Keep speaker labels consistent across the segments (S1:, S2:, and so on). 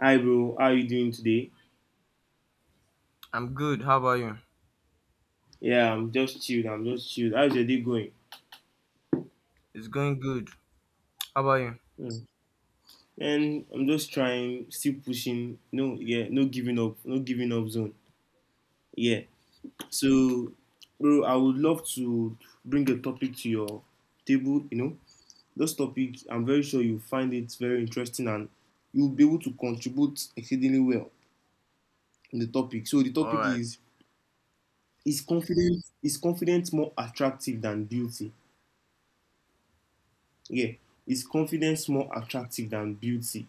S1: Hi, bro. How you doing today?
S2: I'm good. How about you?
S1: Yeah, I'm just chilled. I'm just chilled. How's your day going?
S2: It's going good. How about you?
S1: Mm. And I'm just trying, still pushing. No, yeah, no giving up, no giving up zone. Yeah. So, bro, I would love to bring a topic to your table. You know, this topic, I'm very sure you find it very interesting and you'll be able to contribute exceedingly well in the topic. So the
S2: All
S1: topic
S2: right.
S1: is: Is confidence more attractive than beauty? Yeah, is confidence more attractive than beauty?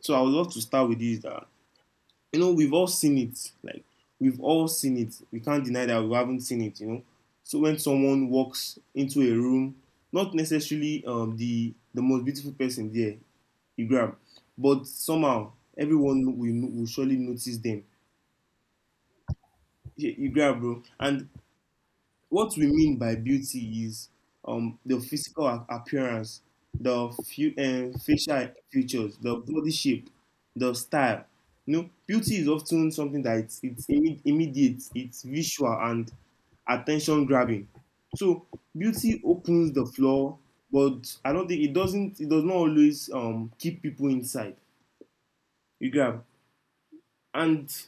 S1: So I would love to start with this that you know we've all seen it. Like we've all seen it. We can't deny that we haven't seen it, you know. So when someone walks into a room, not necessarily the most beautiful person there, you grab, but somehow everyone will surely notice them. You grab, bro. And what we mean by beauty is the physical appearance, the few, facial features, the body shape, the style. You know, beauty is often something that immediate, it's visual and attention grabbing. So beauty opens the floor, but I don't think it doesn't. It does not always keep people inside. You grab and.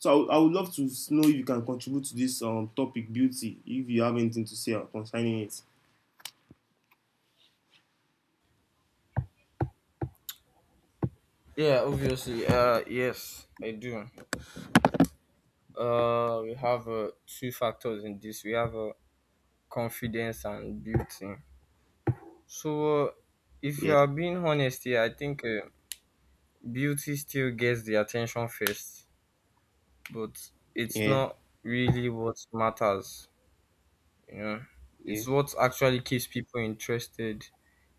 S1: So I would love to know if you can contribute to this topic, beauty, if you have anything to say concerning it.
S2: Yeah, obviously. Yes, I do. We have two factors in this. We have confidence and beauty. So if you
S1: Yeah,
S2: are being honest here, I think beauty still gets the attention first, but it's
S1: yeah,
S2: not really what matters. You know,
S1: yeah.
S2: it's what actually keeps people interested.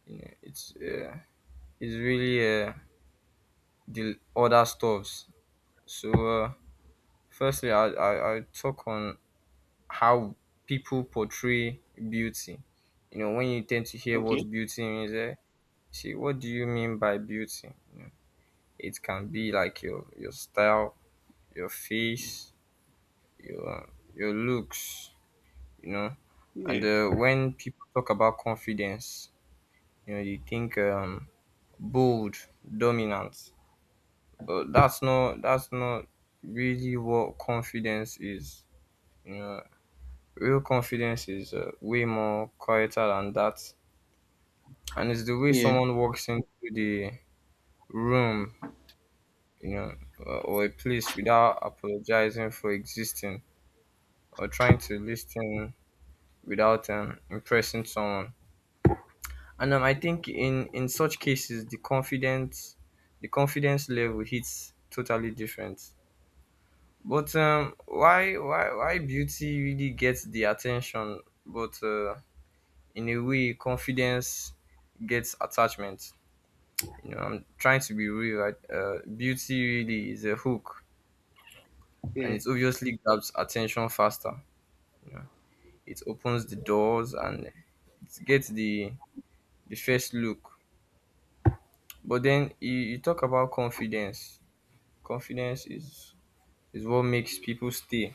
S2: You know, it's really the other stuffs. So firstly, I talk on how people portray beauty. You know, when you tend to hear
S1: Okay.
S2: what beauty means, see, what do you mean by beauty? You know, it can be like your style, your face, your, your looks, you know.
S1: Yeah,
S2: And when people talk about confidence, you know, you think bold, dominant, but that's not really what confidence is. You know, real confidence is way more quieter than that, and it's the way
S1: yeah,
S2: someone walks into the room, you know, or a place without apologizing for existing or trying to listen without impressing someone. And I think in such cases, the confidence level hits totally different. But why beauty really gets the attention, but in a way confidence gets attachment. You know, I'm trying to be real, right? Beauty really is a hook, and
S1: yeah,
S2: it obviously grabs attention faster, you know. It opens the doors, and it gets the first look. But then you talk about confidence. Confidence is what makes people stay.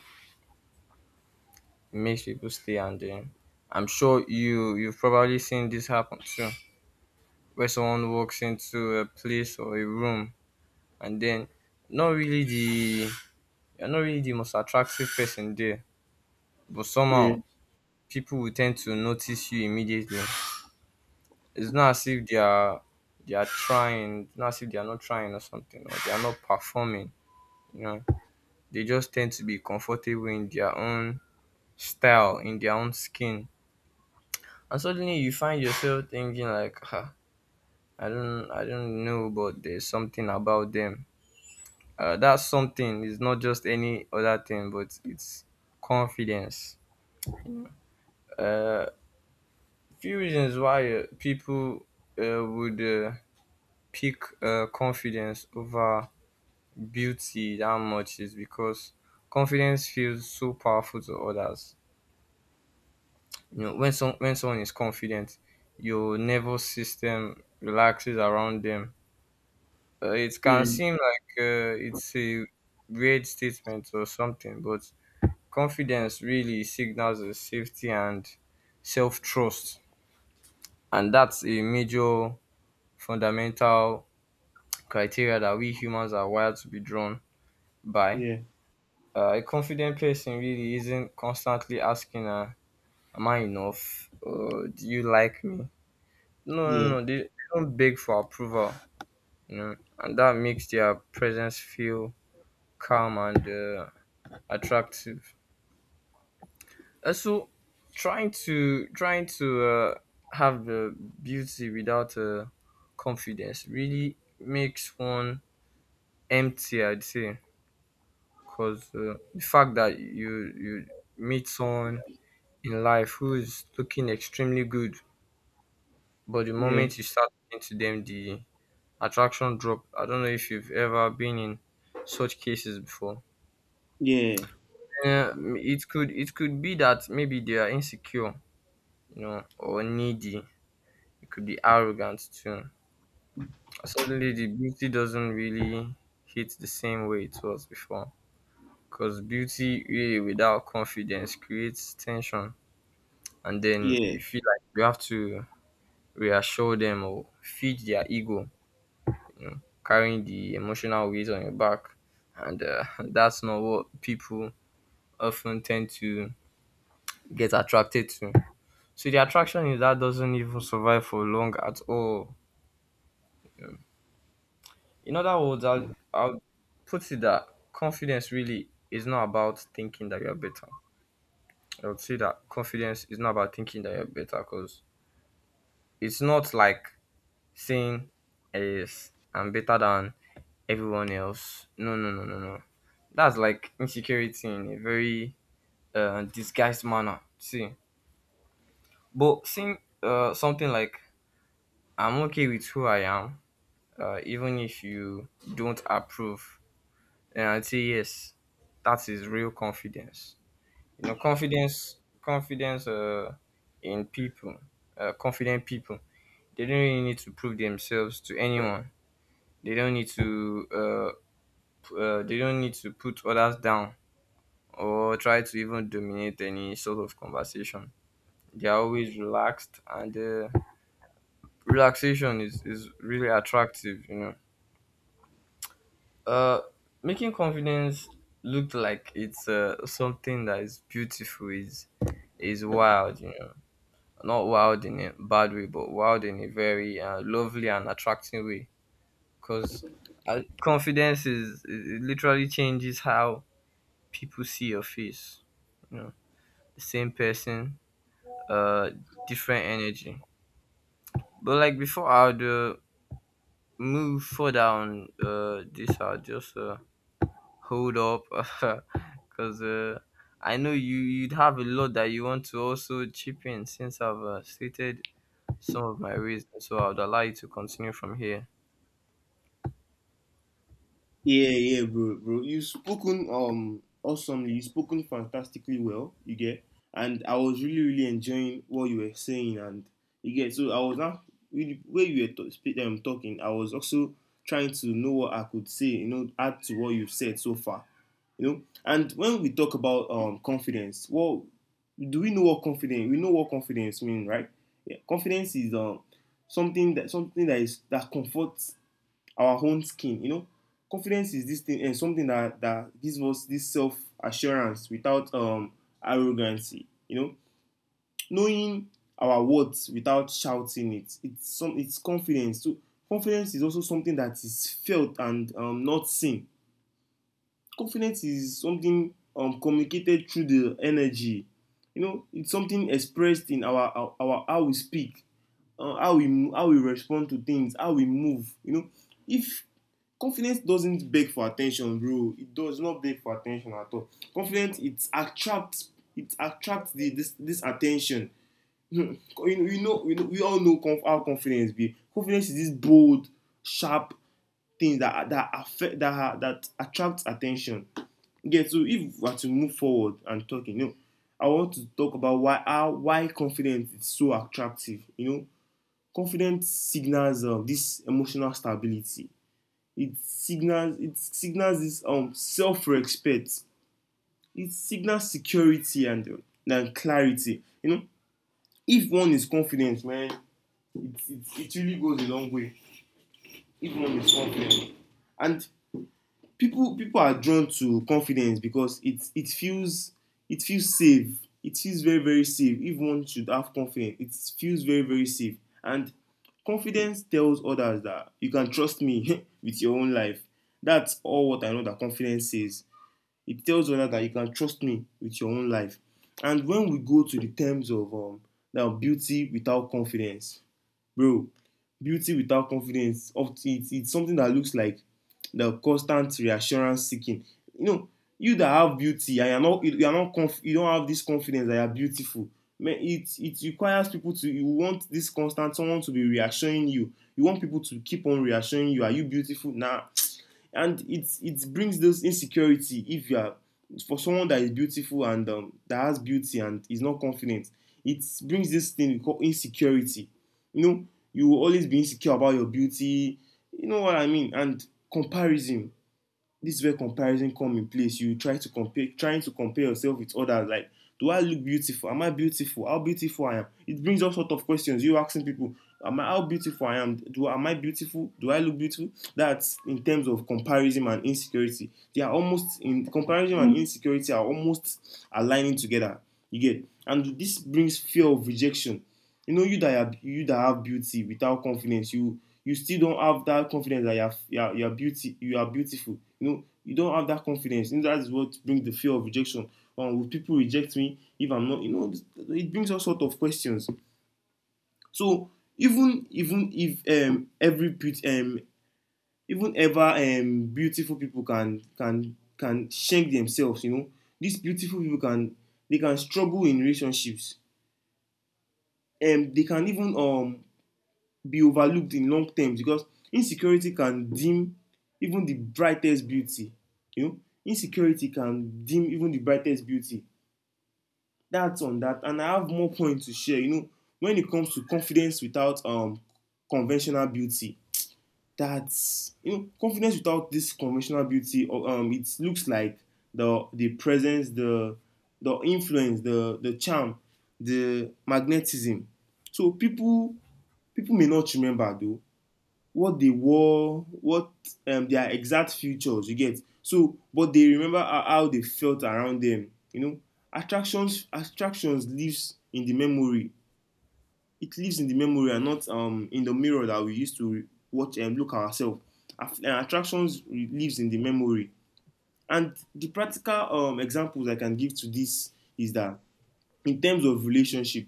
S2: It makes people stay. And then I'm sure you've probably seen this happen too, where someone walks into a place or a room, and then not really the you're not really the most attractive person there, but
S1: yeah,
S2: somehow people will tend to notice you immediately. It's not as if they are trying, it's not as if they are not trying or something, or they are not performing. You know, they just tend to be comfortable in their own style, in their own skin, and suddenly you find yourself thinking like, ah, I don't know, but there's something about them, that something is not just any other thing, but it's confidence. uh Few reasons why people would pick confidence over beauty that much is because confidence feels so powerful to others. You know, when someone is confident, your nervous system relaxes around them. It
S1: yeah,
S2: can seem like it's a weird statement or something, but confidence really signals a safety and self trust. And that's a major fundamental criteria that we humans are wired to be drawn by.
S1: yeah,
S2: A confident person really isn't constantly asking, am I enough? Do you like me? No, no,
S1: yeah, yeah,
S2: no. They don't beg for approval, you know, and that makes their presence feel calm and attractive. So trying to have the beauty without confidence really makes one empty. I'd say, because the fact that you meet someone in life who is looking extremely good, but the
S1: yeah,
S2: moment you start talking to them, the attraction drop. I don't know if you've ever been in such cases before.
S1: yeah.
S2: Uh, it could be that maybe they are insecure, you know, or needy. It could be arrogant too. Suddenly, the beauty doesn't really hit the same way it was before. Because beauty really without confidence creates tension, and then
S1: Yeah.
S2: you feel like you have to reassure them or feed their ego, carrying the emotional weight on your back. And that's not what people often tend to get attracted to. So the attraction is that doesn't even survive for long at all. In other words, I'll put it that confidence really is not about thinking that you're better. I would say that confidence is not about thinking that you're better, because it's not like saying, yes, I'm better than everyone else. No, no, no, no, no. That's like insecurity in a very disguised manner. See, but seeing something like, I'm okay with who I am, even if you don't approve, and I'd say, yes, that is real confidence. You know, confidence in people, confident people, they don't really need to prove themselves to anyone. They don't need to they don't need to put others down or try to even dominate any sort of conversation. They are always relaxed, and relaxation is really attractive, you know. uh, Making confidence look like it's something that is beautiful is wild, you know. Not wild in a bad way, but wild in a very lovely and attracting way. Because confidence is it literally changes how people see your face. You know, the same person, uh, different energy. But like before, I would move further on this. I'll just hold up, because I know you'd have a lot that you want to also chip in. Since I've stated some of my reasons, so I'd allow you to continue from here.
S1: Yeah, yeah, bro, bro. You've spoken awesomely. You've spoken fantastically well. You get, and I was really, really enjoying what you were saying, and you get. So I was now really where you were to, speak, talking. I was also trying to know what I could say. You know, add to what you've said so far. You know, and when we talk about confidence, well, do we know what confidence? We know what confidence means, right? Yeah, confidence is something that comforts our own skin, you know. Confidence is this thing and something that gives us this self assurance without arrogancy, you know, knowing our words without shouting it, it's some it's confidence. So confidence is also something that is felt and, not seen. Confidence is something communicated through the energy, you know. It's something expressed in our how we speak, how we respond to things, how we move. You know, if confidence doesn't beg for attention, bro, it does not beg for attention at all. Confidence, it attracts the, this attention. You know, you know, you know we all know how confidence be. Confidence is this bold, sharp thing that that affect that that attracts attention. Yeah, so if we are to move forward and talking, you know, I want to talk about why confidence is so attractive. You know, confidence signals this emotional stability. It signals this self-respect. It signals security and clarity. You know, if one is confident, man, it really goes a long way. If one is confident, and people are drawn to confidence because it feels safe. It feels very, very safe. If one should have confidence, it feels very, very safe. And confidence tells others that you can trust me with your own life. That's all what I know that confidence says. It tells others that you can trust me with your own life. And when we go to the terms of, now beauty without confidence. Bro, beauty without confidence of, it's something that looks like the constant reassurance seeking. You know, you that have beauty and you're not you are not conf- you don't have this confidence that you're beautiful. Man, it requires people to, you want this constant someone to be reassuring you. You want people to keep on reassuring you. Are you beautiful? Nah, and it brings those insecurity. If you are, for someone that is beautiful and, that has beauty and is not confident, it brings this thing we call insecurity, you know. You will always be insecure about your beauty, you know what I mean. And comparison, this is where comparison come in place. You try to compare, yourself with others, like do I look beautiful, am I beautiful, how beautiful I am? It brings all sort of questions, you asking people, am I, how beautiful I am, do, am I beautiful, do I look beautiful? That's in terms of comparison and insecurity. They are almost, in comparison and insecurity are almost aligning together. You get, and this brings fear of rejection. You know, you that have beauty without confidence, you still don't have that confidence that you are beautiful, you know. You don't have that confidence, and that's what brings the fear of rejection. Will people reject me if I'm not, you know. It brings all sort of questions. So, even even if, um, every beaut- um, even ever, beautiful people can shank themselves, you know. These beautiful people can, they can struggle in relationships. They can even, be overlooked in long terms because insecurity can dim even the brightest beauty. You know, insecurity can dim even the brightest beauty. That's on that, and I have more points to share, you know. When it comes to confidence without conventional beauty, that's, you know, confidence without this conventional beauty, or, it looks like the presence, the influence, the charm, the magnetism. So people, people may not remember though what they wore, what, their exact features, you get. So, but they remember how they felt around them. You know, attractions lives in the memory. It lives in the memory and not, in the mirror that we used to watch and look at ourselves. Attractions lives in the memory. And the practical examples I can give to this is that in terms of relationship,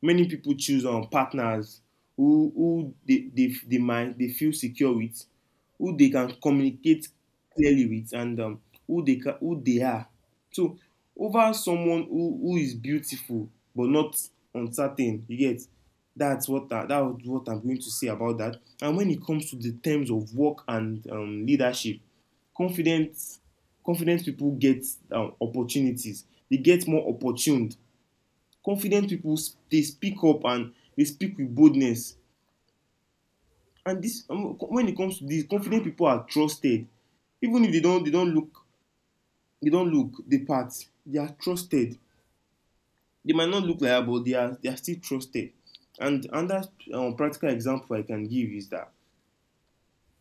S1: many people choose on, partners who, they feel secure with, who they can communicate clearly with, and, who they can, who they are. So over someone who is beautiful but not, uncertain, you get. That's what I, that's what I'm going to say about that. And when it comes to the terms of work and, leadership, confident confident people get, opportunities. They get more opportuned. Confident people, they speak up and they speak with boldness. And this, when it comes to this, confident people are trusted, even if they don't look, they don't look the part, they are trusted. They might not look like that, but they are still trusted. And another, practical example I can give is that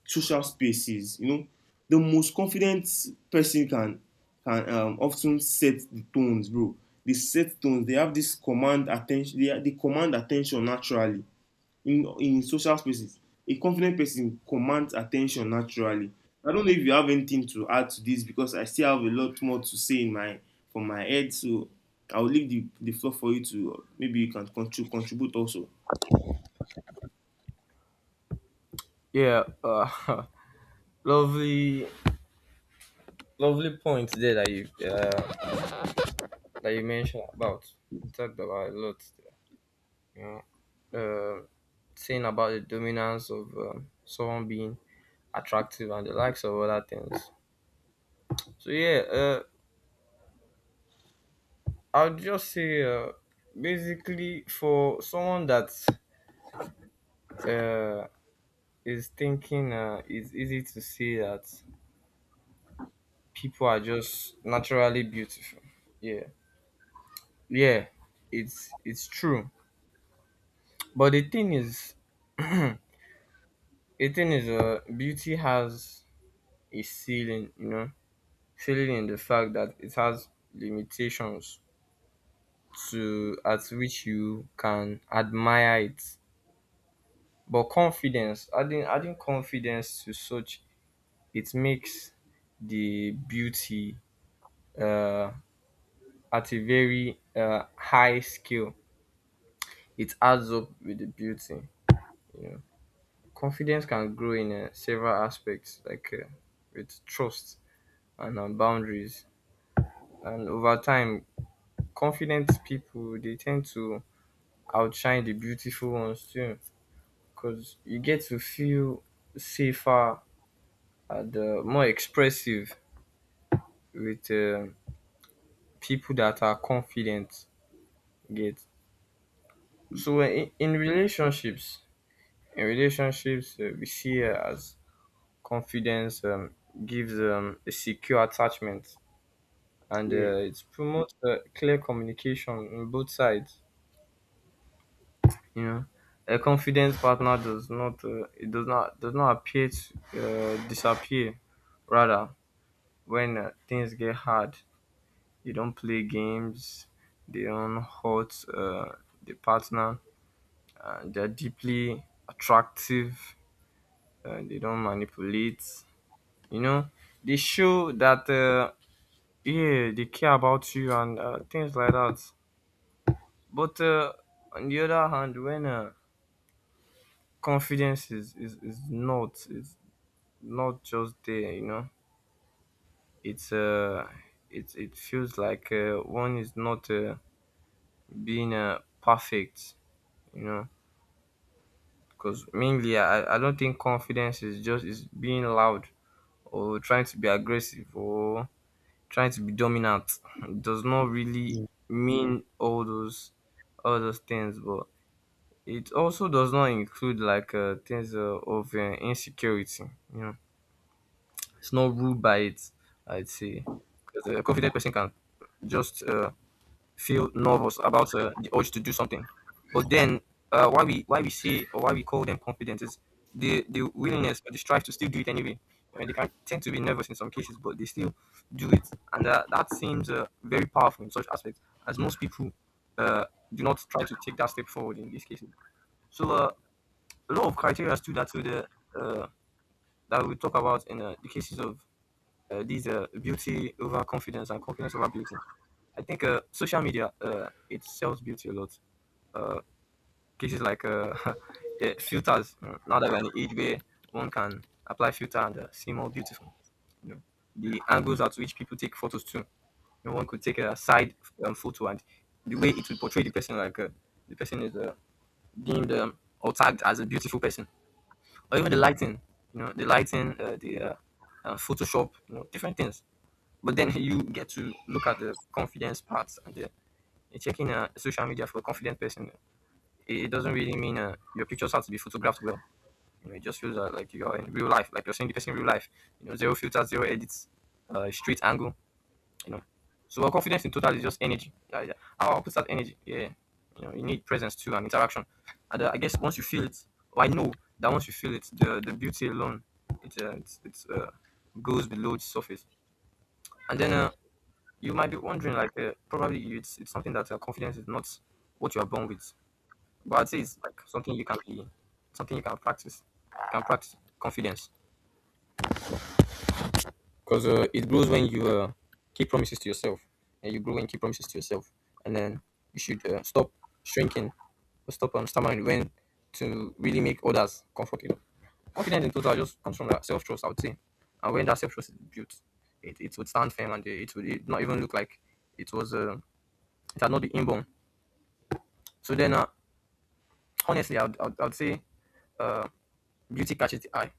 S1: social spaces, you know, the most confident person can, often set the tones, bro. They set tones, they have this command attention. They command attention naturally in social spaces. A confident person commands attention naturally. I don't know if you have anything to add to this, because I still have a lot more to say in my, from my head. So I will leave the floor for you. To maybe you can contribute also.
S2: Yeah, lovely, lovely point there that you mentioned about. You talked about a lot, there, you know, uh, saying about the dominance of someone being attractive and the likes of other things. So yeah, I'll just say basically for someone that uh, is thinking, it's easy to see that people are just naturally beautiful. Yeah, yeah, it's true. But the thing is, beauty has a ceiling, you know, ceiling in the fact that it has limitations to at which you can admire it. But confidence, adding confidence to such, it makes the beauty uh, at a very high scale. It adds up with the beauty, you know. Confidence can grow in several aspects, like with trust and boundaries, and over time confident people they tend to outshine the beautiful ones too, because you get to feel safer and more expressive with people that are confident, you get. So in relationships, we see as confidence gives a secure attachment, and
S1: Yeah.
S2: it promotes clear communication on both sides. You know, a confident partner does not it does not appear to disappear. Rather, when things get hard, they don't play games. They don't hurt the partner. They're deeply attractive. They don't manipulate. You know, they show that yeah, they care about you and things like that. But on the other hand, when confidence is not just there, you know. It's uh, it it feels like one is not being perfect, you know. Because mainly, I don't think confidence is just is being loud or trying to be aggressive or trying to be dominant. It does not really mean all those things, but it also does not include like things of insecurity, you know. It's not ruled by it, I'd say. Because a confident person can just feel nervous about the urge to do something. But then, why we say or why we call them confident is the willingness or the strive to still do it anyway. I mean, they can tend to be nervous in some cases, but they still do it, and that seems very powerful in such aspects, as most people uh, do not try to take that step forward in these cases. So a lot of criteria too that would uh, that we talk about in the cases of these beauty over confidence and confidence over beauty. I think social media it sells beauty a lot. Uh, cases like filters. Now that we're in the age where one can apply filter and seem more beautiful. You know, the angles at which people take photos too. You know, one could take a side photo, and the way it will portray the person, like the person is deemed or tagged as a beautiful person, or even the lighting. You know, the lighting, the Photoshop. You know, different things. But then you get to look at the confidence part, and the checking social media for a confident person, it doesn't really mean your pictures have to be photographed well. You know, it just feels like you're in real life, like you're seeing the person in real life. You know, zero filters, zero edits, straight angle, you know. So our confidence in total is just energy, yeah, yeah. Our opposite energy, yeah. You know, you need presence too and interaction, and I guess once you feel it, or I know that once you feel it, the beauty alone, it it's goes below the surface. And then you might be wondering, like, probably it's something that confidence is not what you are born with, but I'd say it's like something you can be, something you can practice. You can practice confidence because it grows when you keep promises to yourself, and you grow when you keep promises to yourself. And then you should stop shrinking or stop stammering when to really make others comfortable. Confidence in total just comes from self trust, I would say. And when that self trust is built, it would stand firm, and it would it not even look like it was it had not been inborn. So then, honestly, I would say uh, beauty catches the eye.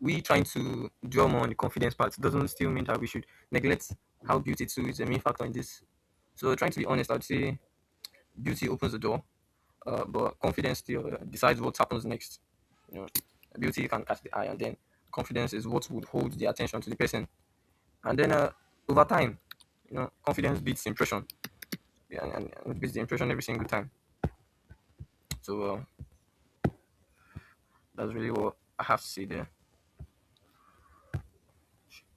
S2: We trying to draw more on the confidence part doesn't still mean that we should neglect how beauty too is a main factor in this. So trying to be honest, I would say beauty opens the door, but confidence still decides what happens next. You know, beauty can catch the eye, and then confidence is what would hold the attention to the person. And then over time, you know, confidence beats impression, yeah, and beats the impression every single time. So that's really what I have to say there.